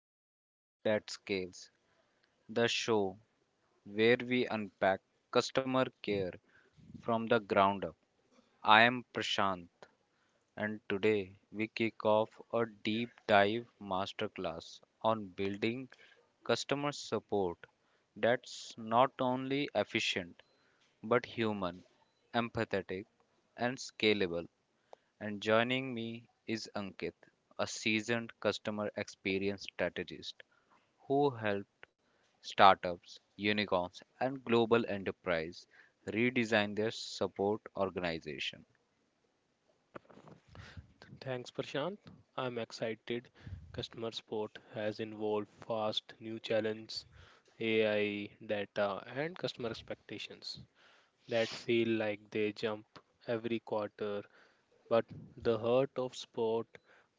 to Support That Scales, the show where we unpack customer care from the ground up. I am Prashant, and today we kick off a deep dive masterclass on building customer support that's not only efficient but human, empathetic, and scalable. And joining me is Ankit, a seasoned customer experience strategist who helped startups, unicorns, and global enterprise redesign their support organization. Thanks, Prashant. I'm excited. Customer support has involved fast new challenges, AI, data, and customer expectations that feel like they jump every quarter. But the heart of support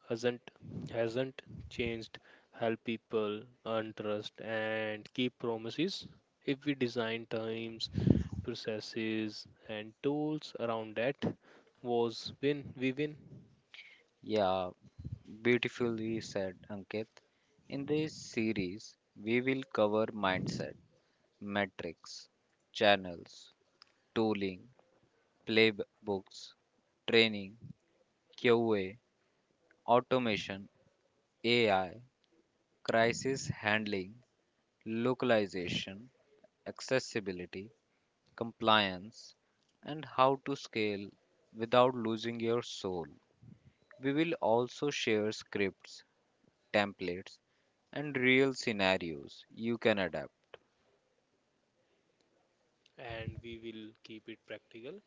hasn't hasn't changed. Help people earn trust and keep promises. If we design times, processes, and tools around that, was win we win. Yeah, beautifully said, Ankit. In this series, we will cover mindset, metrics, channels, tooling, playbooks, training, QA, automation, AI, crisis handling, localization, accessibility, compliance, and how to scale without losing your soul. We will also share scripts, templates, and real scenarios you can adapt. And we will keep it practical.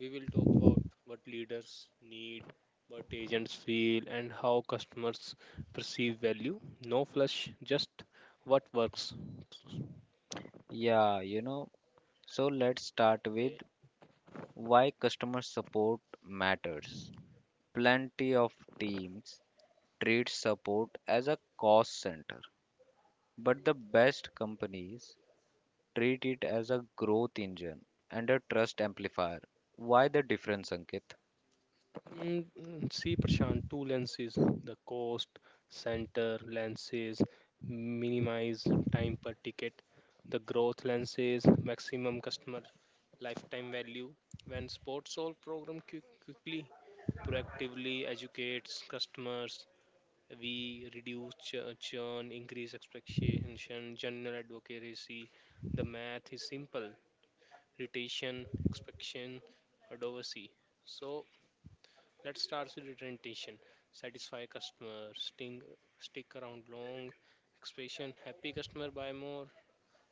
We will talk about what leaders need, what agents feel, and how customers perceive value. No flush, just what works. Yeah, you know, so let's start with Okay. why customer support matters. Plenty of teams treat support as a cost center, but the best companies treat it as a growth engine and a trust amplifier. Why the difference, Ankit? See, Prashant, two lenses: the cost center lenses minimize time per ticket, the growth lenses maximum customer lifetime value. When Sports Solve program quickly proactively educates customers, we reduce churn, increase expectation, general advocacy. The math is simple: retention, expectation, advocacy. So let's start with retention. Satisfy customer, sting, stick around long, expression, happy customer buy more,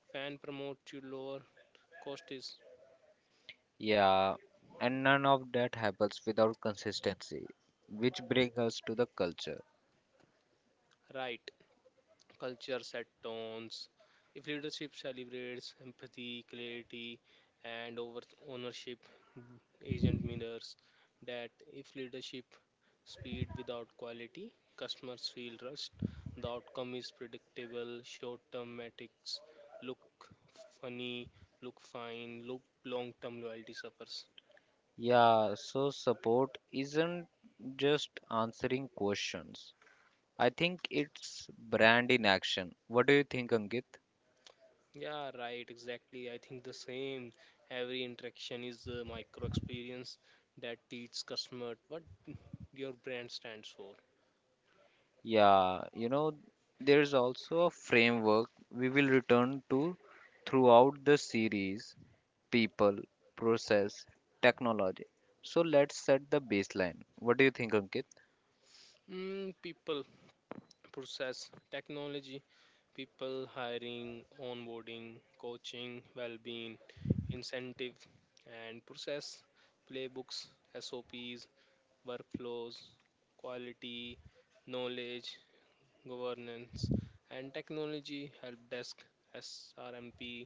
fan promote you lower, cost is Yeah, and none of that happens without consistency, which brings us to the culture. right. Culture set tones. If leadership celebrates empathy, clarity, and over ownership, agent mirrors that. If leadership speed without quality, customers feel rushed. The outcome is predictable. Short-term metrics look funny, look fine, look long-term loyalty suffers. Yeah, so support isn't just answering questions. I think it's brand in action. What do you think, Ankit? Yeah, right, exactly. I think the same. Every interaction is a micro experience that teaches customer what your brand stands for. Yeah, you know, there is also a framework we will return to throughout the series: people, process, technology. So let's set the baseline. What do you think, Ankit? People, process, technology. People: hiring, onboarding, coaching, well being, incentive. And process: playbooks, SOPs, workflows, quality, knowledge, governance. And technology: help desk, SRMP,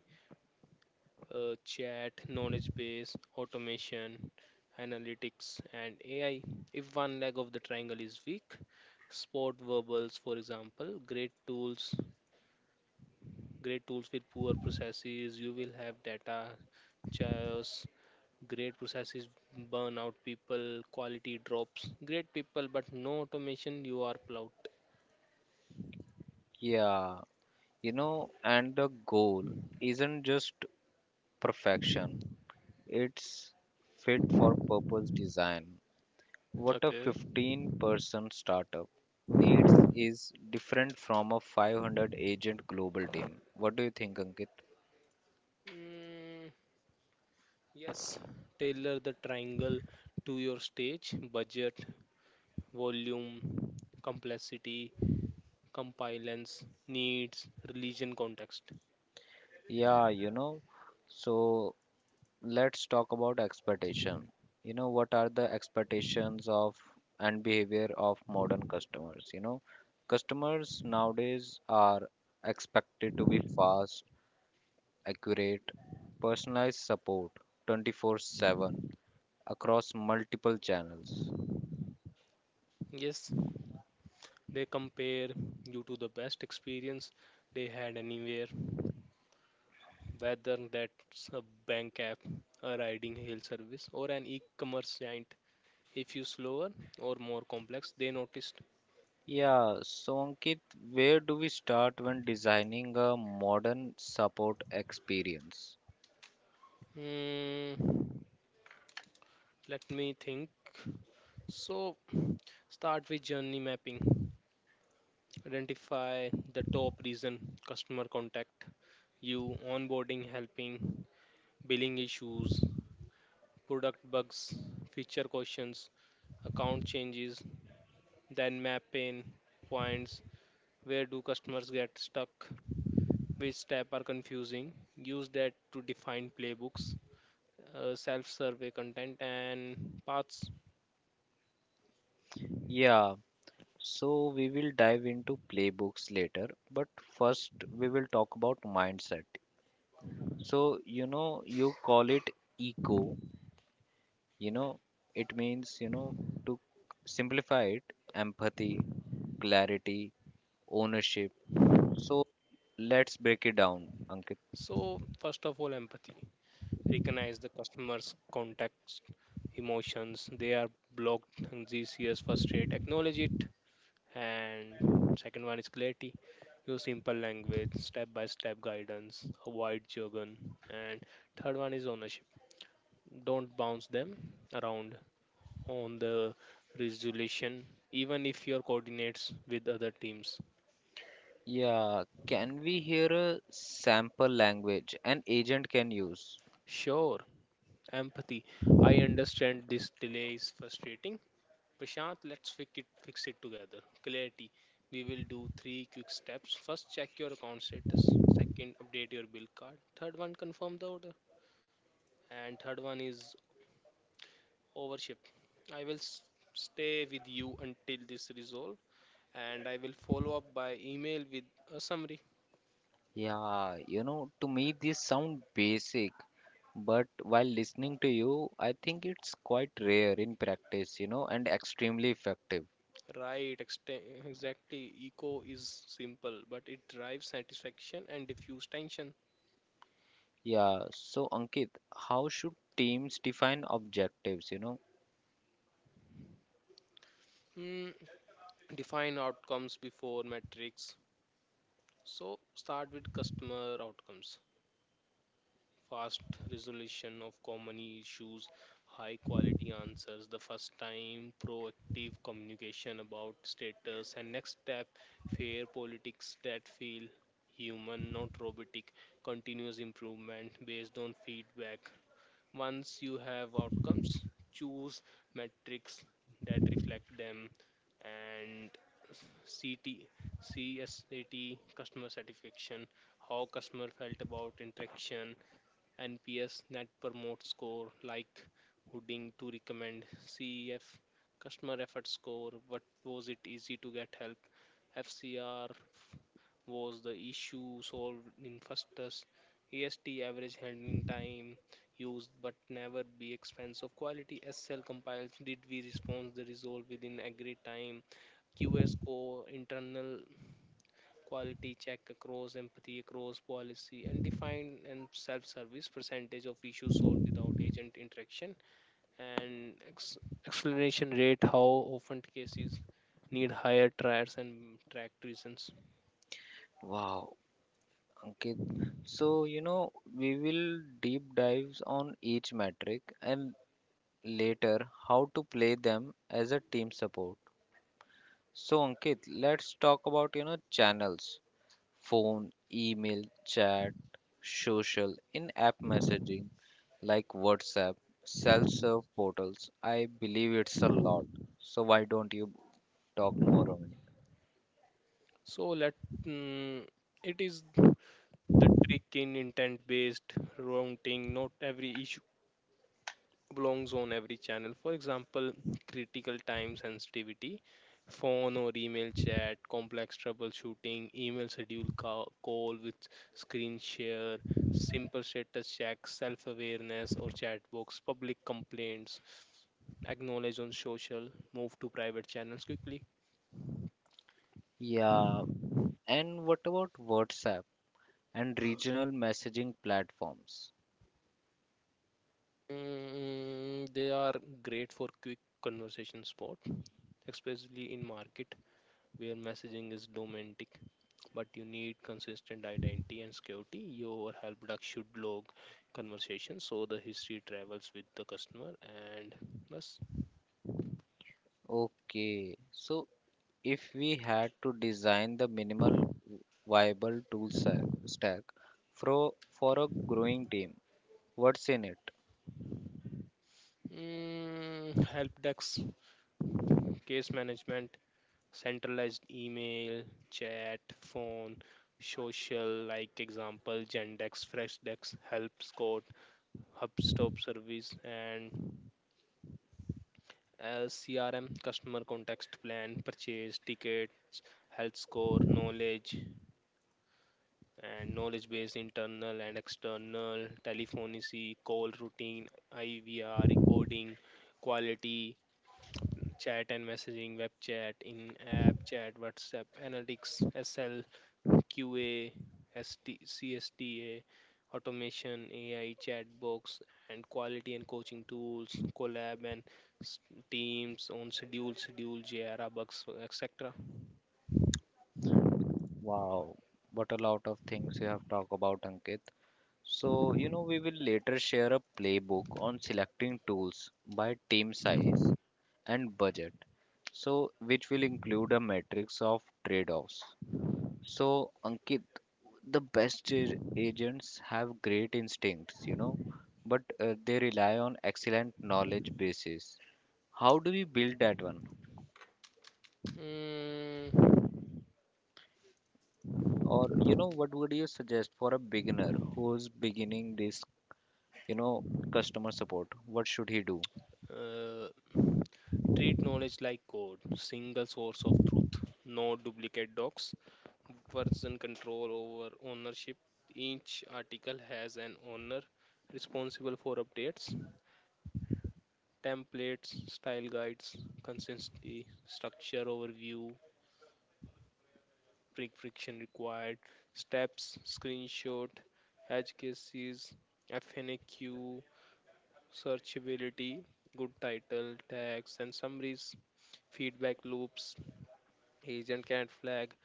chat, knowledge base, automation, analytics, and AI. If one leg of the triangle is weak, spot verbals. For example, great tools with poor processes, you will have data chaos. Great processes burn out people, quality drops. Great people, but no automation, you are plout. Yeah, and the goal isn't just perfection, it's fit for purpose design. What a Okay. 15-person startup needs is different from a 500 agent global team. What do you think, Ankit? Mm, yes, tailor the triangle to your stage, budget, volume, complexity, compliance, needs, religion context. Yeah, you know, so let's talk about expectation. What are the expectations of and behavior of modern customers? Customers nowadays are expected to be fast, accurate, personalized support 24/7 across multiple channels. Yes, they compare you to the best experience they had anywhere, whether that's a bank app, a riding hail service, or an e commerce giant. If you slower or more complex, they noticed. Yeah, so Ankit, where do we start when designing a modern support experience? Hmm, Let me think. So, start with journey mapping. Identify the top reason customer contact you: onboarding helping, billing issues, product bugs, feature questions, account changes. Then map pain points. Where do customers get stuck, which step are confusing? Use that to define playbooks, self survey content and paths. Yeah, so we will dive into playbooks later, but first we will talk about mindset. So you call it eco, you know it means to simplify it: empathy, clarity, ownership. So let's break it down, Ankit. So first of all, empathy: recognize the customer's context, emotions. They are blocked and frustrated. Acknowledge it. And second one is clarity: use simple language, step by step guidance, avoid jargon. And third one is ownership: don't bounce them around on the resolution, even if your coordinates with other teams. Yeah, can we hear a sample language an agent can use? Sure. Empathy: I understand this delay is frustrating, Prashant. Let's fix it together. Clarity: we will do three quick steps. First, check your account status. Second, update your bill card. Third one, confirm the order. And third one is overship: I stay with you until this resolved, and I will follow up by email with a summary. To me this sound basic, but while listening to you, I think it's quite rare in practice, and extremely effective. Right, exactly, eco is simple but it drives satisfaction and diffuse tension. Yeah, so Ankit, how should teams define objectives? mm, Define outcomes before metrics. So start with customer outcomes: fast resolution of common issues, high quality answers the first time, proactive communication about status and next step, fair politics that feel human, not robotic, continuous improvement based on feedback. Once you have outcomes, choose metrics that reflect them. And CT, customer satisfaction, how customer felt about interaction. NPS, Net Promote Score, like Hooding to recommend. CEF, Customer Effort Score, what was it easy to get help. FCR, was the issue solved in first test. EST, average handling time used but never be expense of quality. SL compiles, did we respond the resolve within agreed time. QS score, internal quality check across empathy, across policy, and define. And self-service, percentage of issues solved without agent interaction. And explanation rate, how often cases need higher trials and tracked reasons. Wow, Ankit. So we will deep dives on each metric and later how to play them as a team support. So, Ankit, let's talk about, channels. Phone, email, chat, social, in app messaging like WhatsApp, self serve portals. I believe it's a lot. So, why don't you talk more on it? So let mm, it is the trick in intent-based routing. Not every issue belongs on every channel. For example, critical time sensitivity, phone or email chat. Complex troubleshooting, email schedule call with screen share. Simple status check, self awareness or chat box. Public complaints, acknowledge on social, move to private channels quickly. Yeah, and what about WhatsApp and regional messaging platforms? They are great for quick conversation spot, especially in market where messaging is domestic. But you need consistent identity and security. Your help desk should log conversations so the history travels with the customer. And plus. Okay, so if we had to design the minimal viable stack for a growing team, what's in it? Help desk, case management, centralized email, chat, phone, social, like example gendex Freshdesk, help Scout, hubstop service. And CRM, customer context, plan, purchase, ticket, health score, knowledge. And knowledge base, internal and external. Telephony, call routine, IVR, recording, quality. Chat and messaging, web chat, in app chat, WhatsApp. Analytics, SL, QA, ST, CSTA. Automation, AI, chat box. And quality and coaching tools. Collab and s- teams, on schedule, schedule, Jira, bugs, etc. Wow, what a lot of things you have talked about, Ankit. So we will later share a playbook on selecting tools by team size and budget. So, which will include a matrix of trade-offs. So, Ankit, the agents have great instincts, but they rely on excellent knowledge bases. How do we build that one? Mm, Or, what would you suggest for a beginner who's beginning this you know customer support, what should he do? uh, Treat knowledge like code: single source of truth, no duplicate docs, version control, over ownership. Each article has an owner responsible for updates, templates, style guides, consistency. Structure overview, friction required, steps, screenshot, edge cases, FNAQ, searchability, good title, tags, and summaries, feedback loops. Agent can flag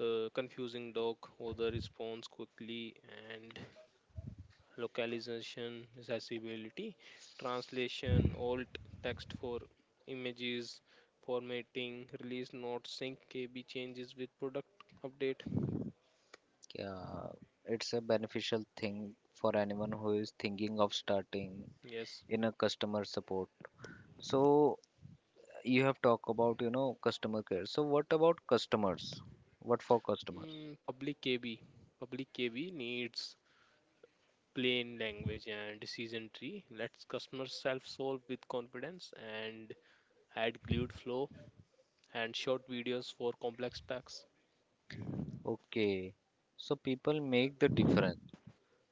confusing dog odor response quickly. And localization is accessibility, translation, alt text for images, formatting. Release notes, sync KB changes with product update. uh, it's a beneficial thing for anyone who is thinking of starting Yes. in a customer support. So you have talked about customer care, so what about customers? What for customers? Public KB, public KB needs plain language and decision tree, lets customers self solve with confidence. And add glued flow and short videos for complex tasks. Okay, so people make the difference.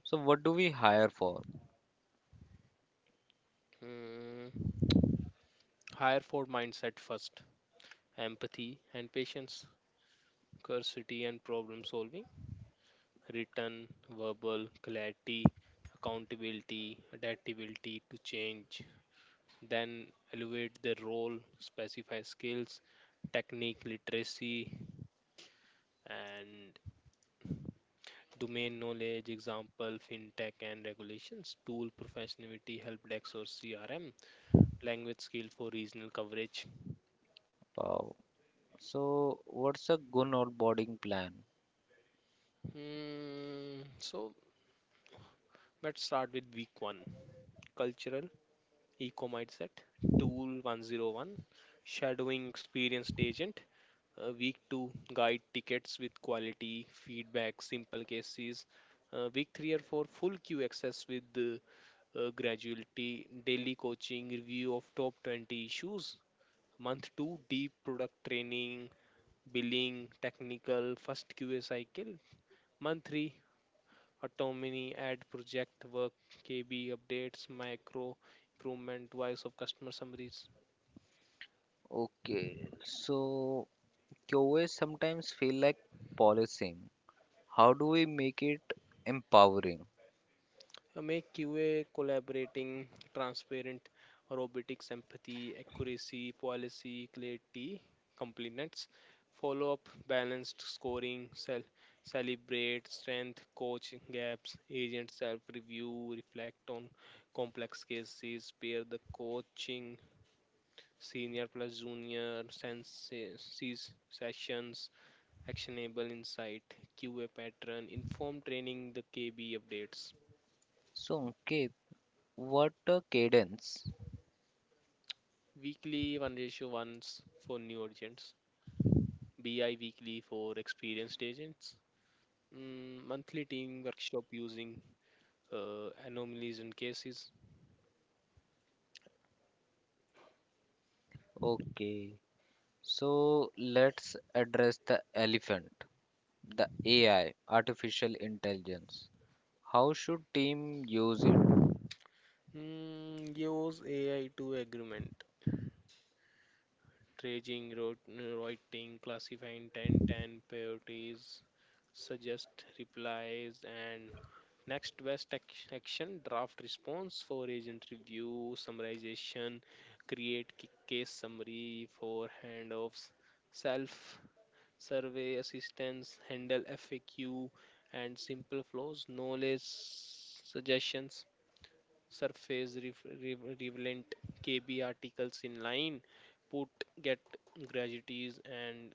So what do we hire for? Mm, Higher four mindset first: empathy and patience, curiosity and problem solving, written, verbal, clarity, accountability, adaptability to change. Then elevate the role, specify skills, technique, literacy, and domain knowledge. Example, fintech and regulations, tool professionality, help desk or CRM, language skill for regional coverage. Wow, so what's a good onboarding plan? So let's start with week one: cultural Eco Mindset, Tool 101, shadowing experienced agent. Week 2, guide tickets with quality, feedback, simple cases. Week 3 or 4, full queue access with graduality, daily coaching, review of top 20 issues. Month 2, deep product training, billing, technical, first QA cycle. Month 3, autonomy, ad project work, KB updates, micro improvement, voice of customer summaries. Okay, so QA sometimes feel like policing. How do we make it empowering? Make QA collaborating, transparent, robotics, empathy, accuracy, policy, clarity, compliments, follow up, balanced scoring. Celebrate strength, coach gaps, agent self review, reflect on complex cases, pair the coaching, senior plus junior, sessions, actionable insight, QA pattern, inform training, the KB updates. So, okay, what a cadence. Weekly 1 ratio 1:1s for new agents, BI weekly for experienced agents, monthly team workshop using anomalies and cases. Okay, so let's address the elephant, the AI, artificial intelligence. How should team use it? Use AI to agreement, tracing, writing, classifying 10 10 priorities, suggest replies, and next best action draft response for agent review. Summarization, create case summary for handoffs. Self survey assistance, handle FAQ and simple flows. Knowledge suggestions, surface relevant KB articles in line, put, get gratuities. And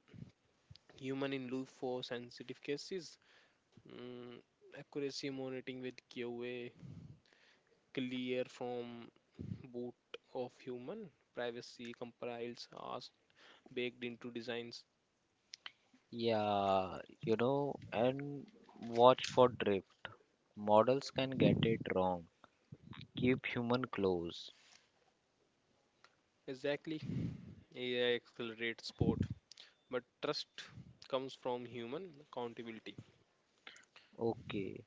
human in loop for sensitive cases. Mm, Accuracy monitoring with QA, clear from boot of human, privacy compiles are baked into designs. Yeah, and watch for drift. Models can get it wrong. Keep human close. Exactly. AI accelerates sport, but trust comes from human accountability. Okay,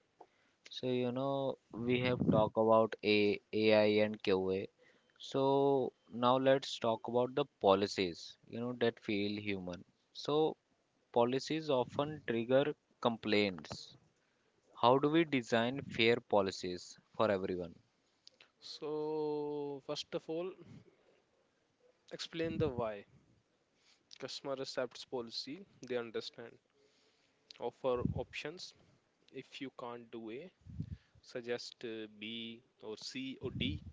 so we have talked about A, AI and QA. So, now let's talk about the policies, that feel human. So, policies often trigger complaints. How do we design fair policies for everyone? So first of all, explain the why. Customer accepts policy they understand. Offer options: if you can't do A, suggest B or C or D.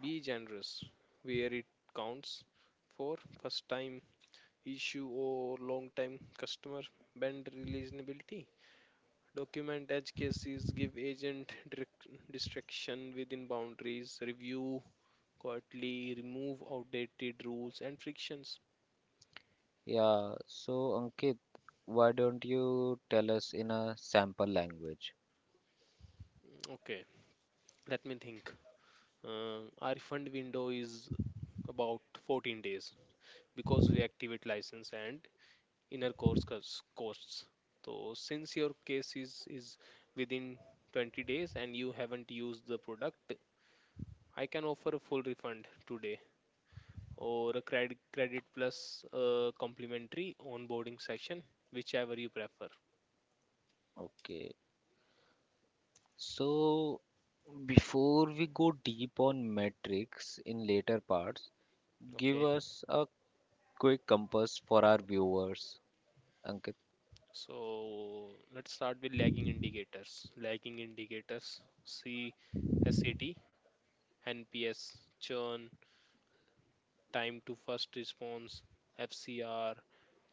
Be generous where it counts, for first time issue or long time customer, band reasonability. Document edge cases, give agent direct distraction within boundaries. Review quietly, remove outdated rules and frictions. Yeah, so Ankit, why don't you tell us in a sample language? Okay, let me think. Our refund window is about 14 days because we activate license and inner course costs. So since your case is within 20 days and you haven't used the product, I can offer a full refund today or a credit plus complimentary onboarding session, whichever you prefer. Okay. So, before we go deep on metrics in later parts, give Okay, us a quick compass for our viewers, Ankit. so let's start with lagging indicators. Lagging indicators: C, S, A, T, N, P, S, churn, time to first response, FCR,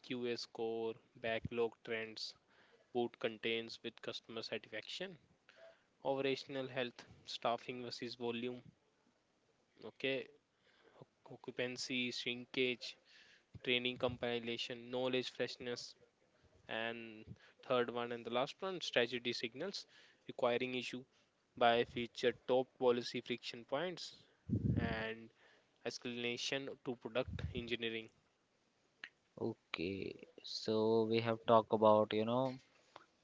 QA score, backlog trends, boot contains with customer satisfaction. Operational health, staffing versus volume. Okay, occupancy, shrinkage, training compilation, knowledge freshness. And third one and the last one, strategy signals: requiring issue by feature, top policy friction points, and escalation to product engineering. Okay, so we have talked about,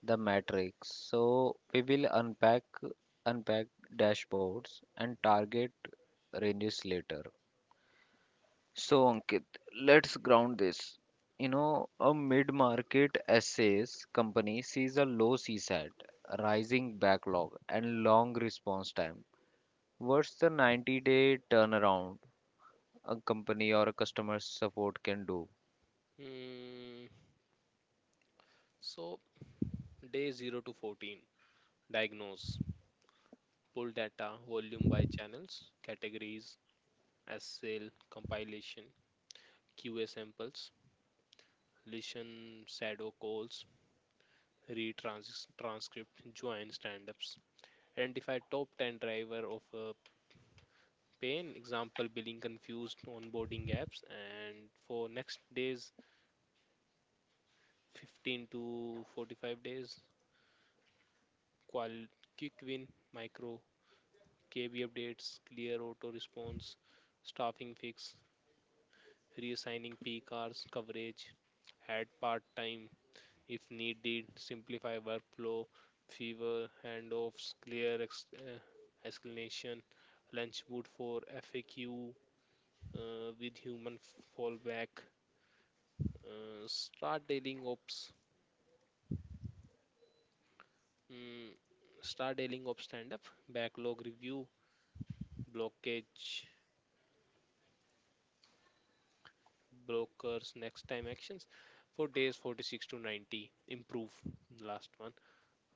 the metrics. So we will unpack dashboards and target ranges later. So Ankit, let's ground this. You know, a mid-market SaaS company sees a low CSAT, rising backlog, and long response time. What's the 90-day turnaround a company or a customer support can do? Mm, so day 0 to 14, diagnose, pull data, volume by channels, categories, as sale compilation, QA samples, listen, shadow calls, read transcript, join stand-ups, identify top 10 driver of pain, example billing confused, onboarding apps. And for next days, 15 to 45 days, qual- quick win, micro, KB updates, clear auto response, staffing fix, reassigning P cars coverage, add part-time if needed, simplify workflow, fewer handoffs, clear explanation, lunch boot for FAQ with human fallback. Start dealing ops, mm, start dealing ops stand up, backlog review, blockage, brokers, next time actions. For days 46 to 90, improve last one,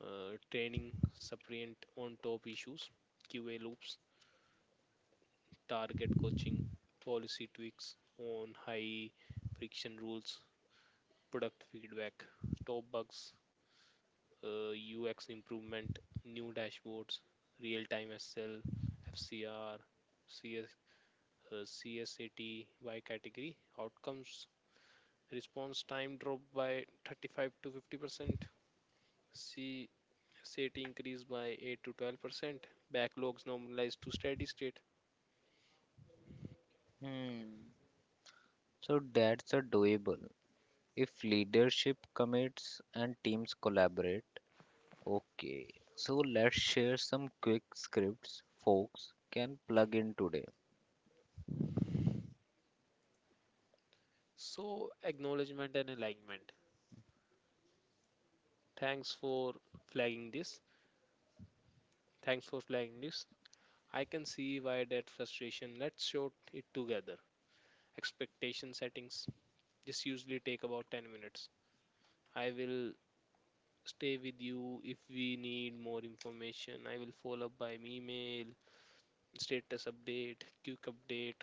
training, supplement on top issues. QA loops target coaching, policy tweaks on high friction rules, product feedback, top bugs, UX improvement, new dashboards, real time SL, FCR, CS, CSAT by category, outcomes, response time drop by 35 to 50%, CSAT increase by 8 to 12%, backlogs normalized to steady state. Hmm. So that's a doable. If leadership commits and teams collaborate, okay. So let's share some quick scripts folks can plug in today. So, acknowledgement and alignment. Thanks for flagging this. Thanks for flagging this. I can see why that frustration. Let's sort it together. Expectation settings. This usually take about 10 minutes. I will stay with you if we need more information. I will follow up by email, status update, quick update.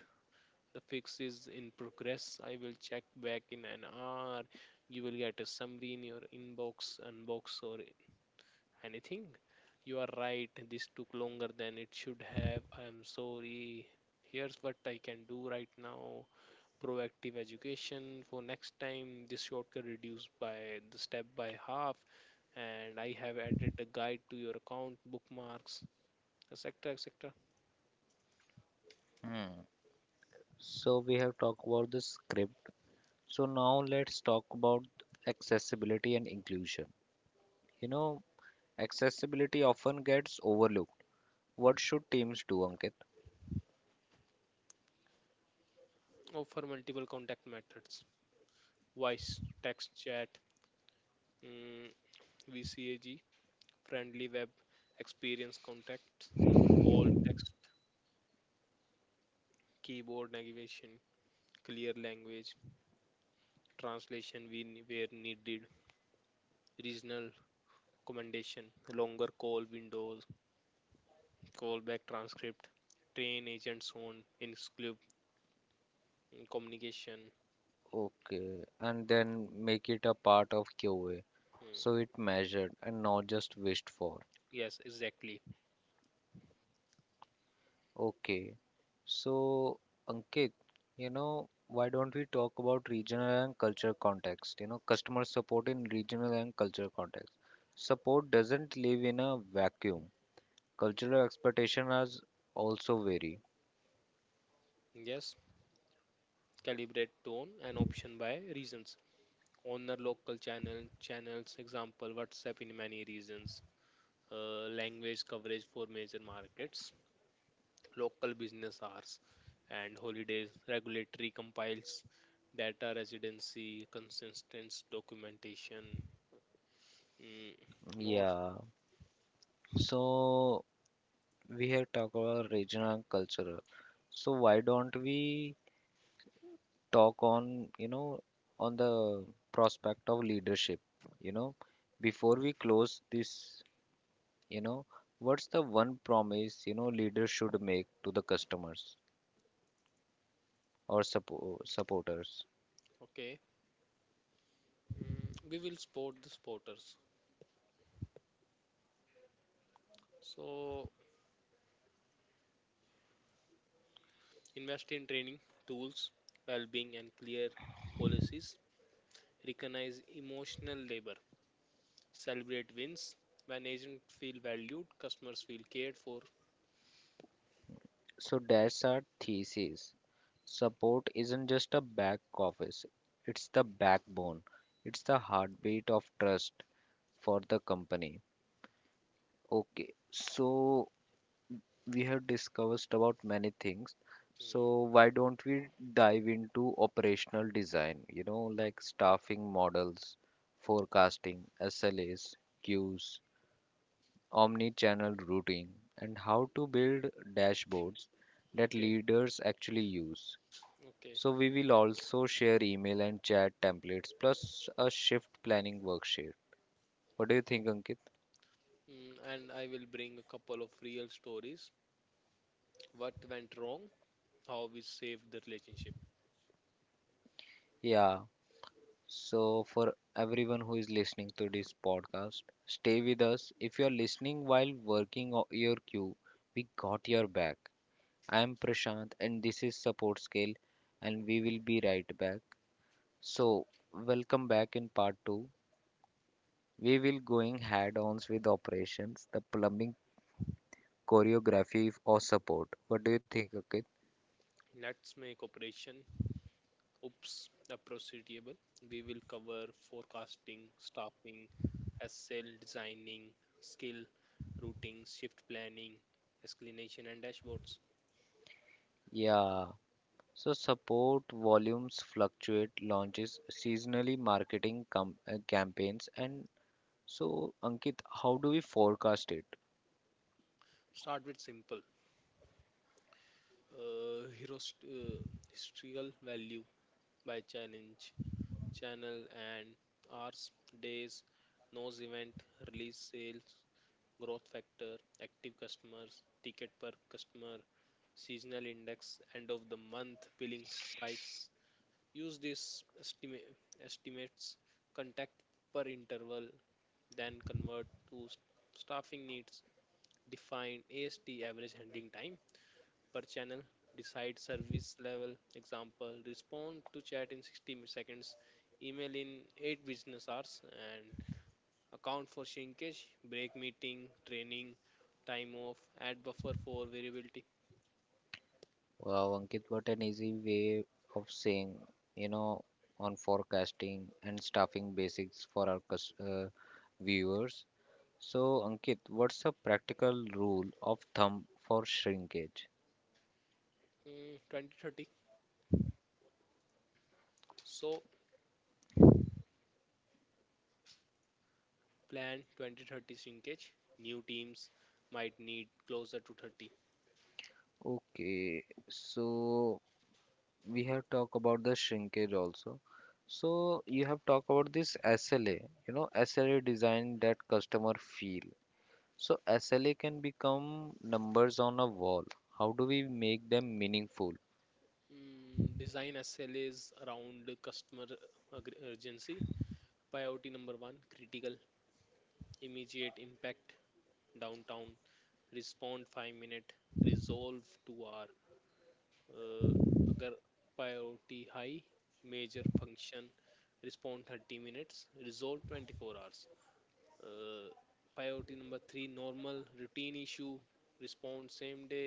The fix is in progress. I will check back in an hour. You will get a summary in your inbox, unbox, or anything? You are right. This took longer than it should have. I am sorry. Here's what I can do right now. Proactive education for next time. This shortcut reduced by the step by half. And I have added a guide to your account, bookmarks, etc. etc. Hmm. So we have talked about the script. So now let's talk about accessibility and inclusion. You know, accessibility often gets overlooked. What should teams do, Ankit? Offer multiple contact methods. Voice, text, chat, mm, VCAG, friendly web experience contacts, all text, keyboard navigation, clear language, translation where needed, regional accommodation, longer call windows, callback transcript, train agents on exclusive communication. Okay, and then make it a part of QA so Hmm. it measured and not just wished for. Yes, exactly. Okay. So, Ankit, why don't we talk about regional and culture context? You know, customer support in regional and culture context. Support doesn't live in a vacuum. Cultural expectations are also vary. Yes, calibrate tone and option by regions. Honor local channels, example WhatsApp in many regions. Language coverage for major markets, local business hours and holidays, regulatory compiles data residency, consistent documentation. mm, More. Yeah. So, we have talked about regional and cultural. So, why don't we talk on, on the prospect of leadership, you know? Before we close this, You know, what's the one promise leaders should make to the customers or supporters? Okay. We will support the supporters. So invest in training, tools, well-being, and clear policies. Recognize emotional labor. Celebrate wins. When agents feel valued, customers feel cared for. So that's our thesis. Support isn't just a back office; it's the backbone. It's the heartbeat of trust for the company. Okay, so we have discussed about many things. Mm, So why don't we dive into operational design? You know, like staffing models, forecasting, SLAs, queues, omni-channel routing, and how to build dashboards that okay, leaders actually use. okay. So we will also share email and chat templates plus a shift planning worksheet. What do you think, Ankit? And I will bring a couple of real stories. What went wrong, how we saved the relationship. Yeah. So for everyone who is listening to this podcast, stay with us. If you're listening while working your queue, we got your back. I am Prashant and this is Support Scale, and we will be right back. So welcome back in part 2. We will going head-ons with operations, the plumbing, choreography or support. What do you think, Ankit? Let's make Operation Oops a proceedable. We will cover forecasting, staffing, SL designing, skill, routing, shift planning, explanation, and dashboards. Yeah. So support volumes fluctuate, launches, seasonally marketing campaigns, and so Ankit, how do we forecast it? Start with simple. Uh, hero st- uh, Historical value by challenge, channel, and hours, days, nose event, release sales, growth factor, active customers, ticket per customer, seasonal index, end of the month billing spikes. Use these estimates, contact per interval, then convert to staffing needs. Define AST average handling time per channel. Decide service level. Example: respond to chat in 60 seconds, email in 8 business hours, and account for shrinkage, break meeting, training, time off, add buffer for variability. Wow, Ankit, what an easy way of saying, you know, on forecasting and staffing basics for our viewers. So Ankit, what's a practical rule of thumb for shrinkage? 2030. So plan 2030 shrinkage. New teams might need closer to 30. Okay, so we have talked about the shrinkage also. So you have talked about this SLA, SLA design that customer feel. So SLA can become numbers on a wall. How do we make them meaningful? Design SLAs around the customer urgency. Priority number one critical, immediate impact, downtown, respond 5-minute, resolve 2 hour, uh, अगर priority high major function, respond 30 minutes, resolve 24 hours, uh, priority number 3 normal routine issue, respond same day,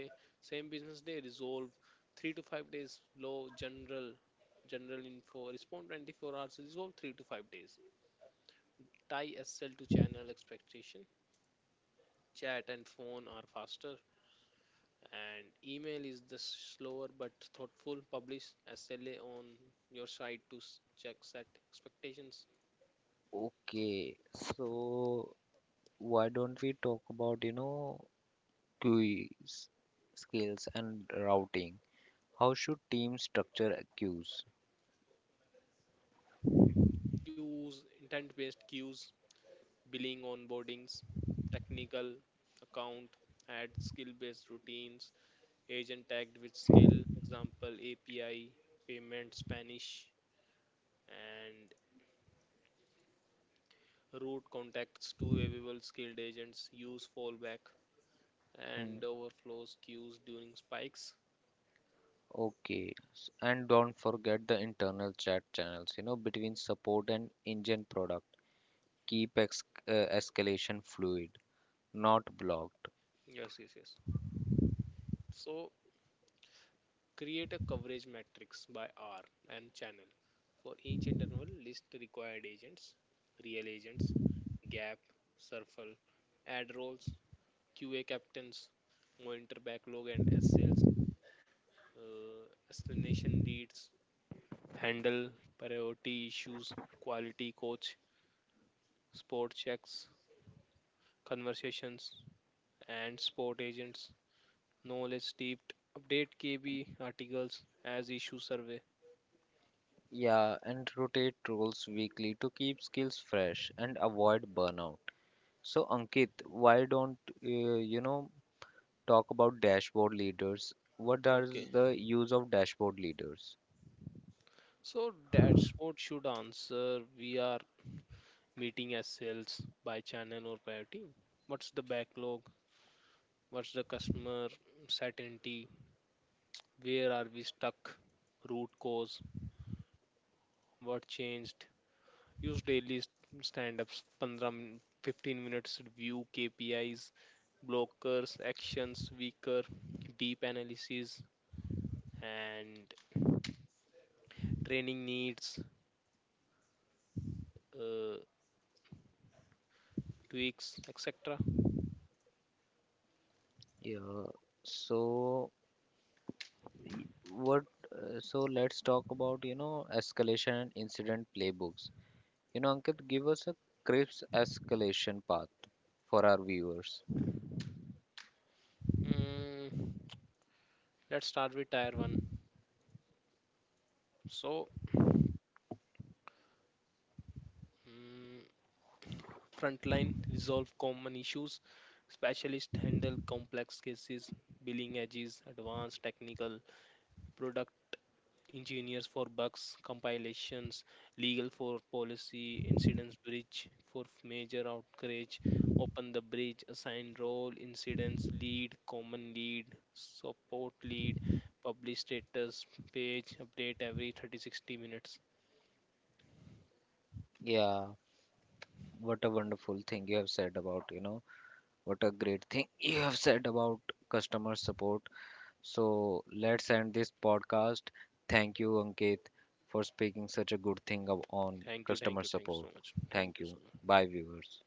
same business day, resolve 3 to 5 days. Low general, info, respond 24 hours, resolve 3 to 5 days. Tie sl to channel expectation. Chat and phone are faster and email is the slower but thoughtful. Publish SLA on your site to check, set expectations. Okay, so why don't we talk about, queues, skills and routing? How should teams structure queues? Use intent based queues, billing onboardings, technical account, add skill based routines, agent tagged with skill, example API, payment, Spanish, and route contacts to available skilled agents, use fallback Hmm. and overflows queues during spikes. Okay, and don't forget the internal chat channels, between support and engine product. Keep ex escalation fluid, not blocked. Yes, yes, yes. So create a coverage matrix by R and channel. For each interval, list required agents, real agents, gap, circle, add roles, QA captains, monitor backlog and S sales, explanation leads, handle priority issues, quality coach, sport checks, conversations, and sport agents, knowledge steeped, update KB articles as issue survey. Yeah, and rotate roles weekly to keep skills fresh and avoid burnout. So, Ankit, why don't uh, you know talk about dashboard leaders? What are Okay. the use of dashboard leaders? So that's what should answer. We are meeting as sales by channel or priority. What's the backlog? What's the customer certainty? Where are we stuck? Root cause? What changed? Use daily stand ups, 15 15 minutes review, KPIs, blockers, actions, weaker, deep analysis, and training needs, uh, tweaks, etc. Yeah, so y- what so let's talk about escalation and incident playbooks. You know, Ankit, give us a crisp escalation path for our viewers. Mm, let's start with tier 1. So, mm, frontline resolve common issues, specialists handle complex cases, billing edges, advanced technical product engineers for bugs, compilations, legal for policy, incidents bridge for major outrage, open the bridge, assign role, incidents lead, common lead, support lead, publish status page, update every 30-60 minutes. Yeah, what a wonderful thing you have said about, you know, what a great thing you have said about customer support. So let's end this podcast. Thank you, Ankit, for speaking such a good on Thank you, thank customer you, thank you so support. much. Thank Thank you so you. much. Bye, viewers.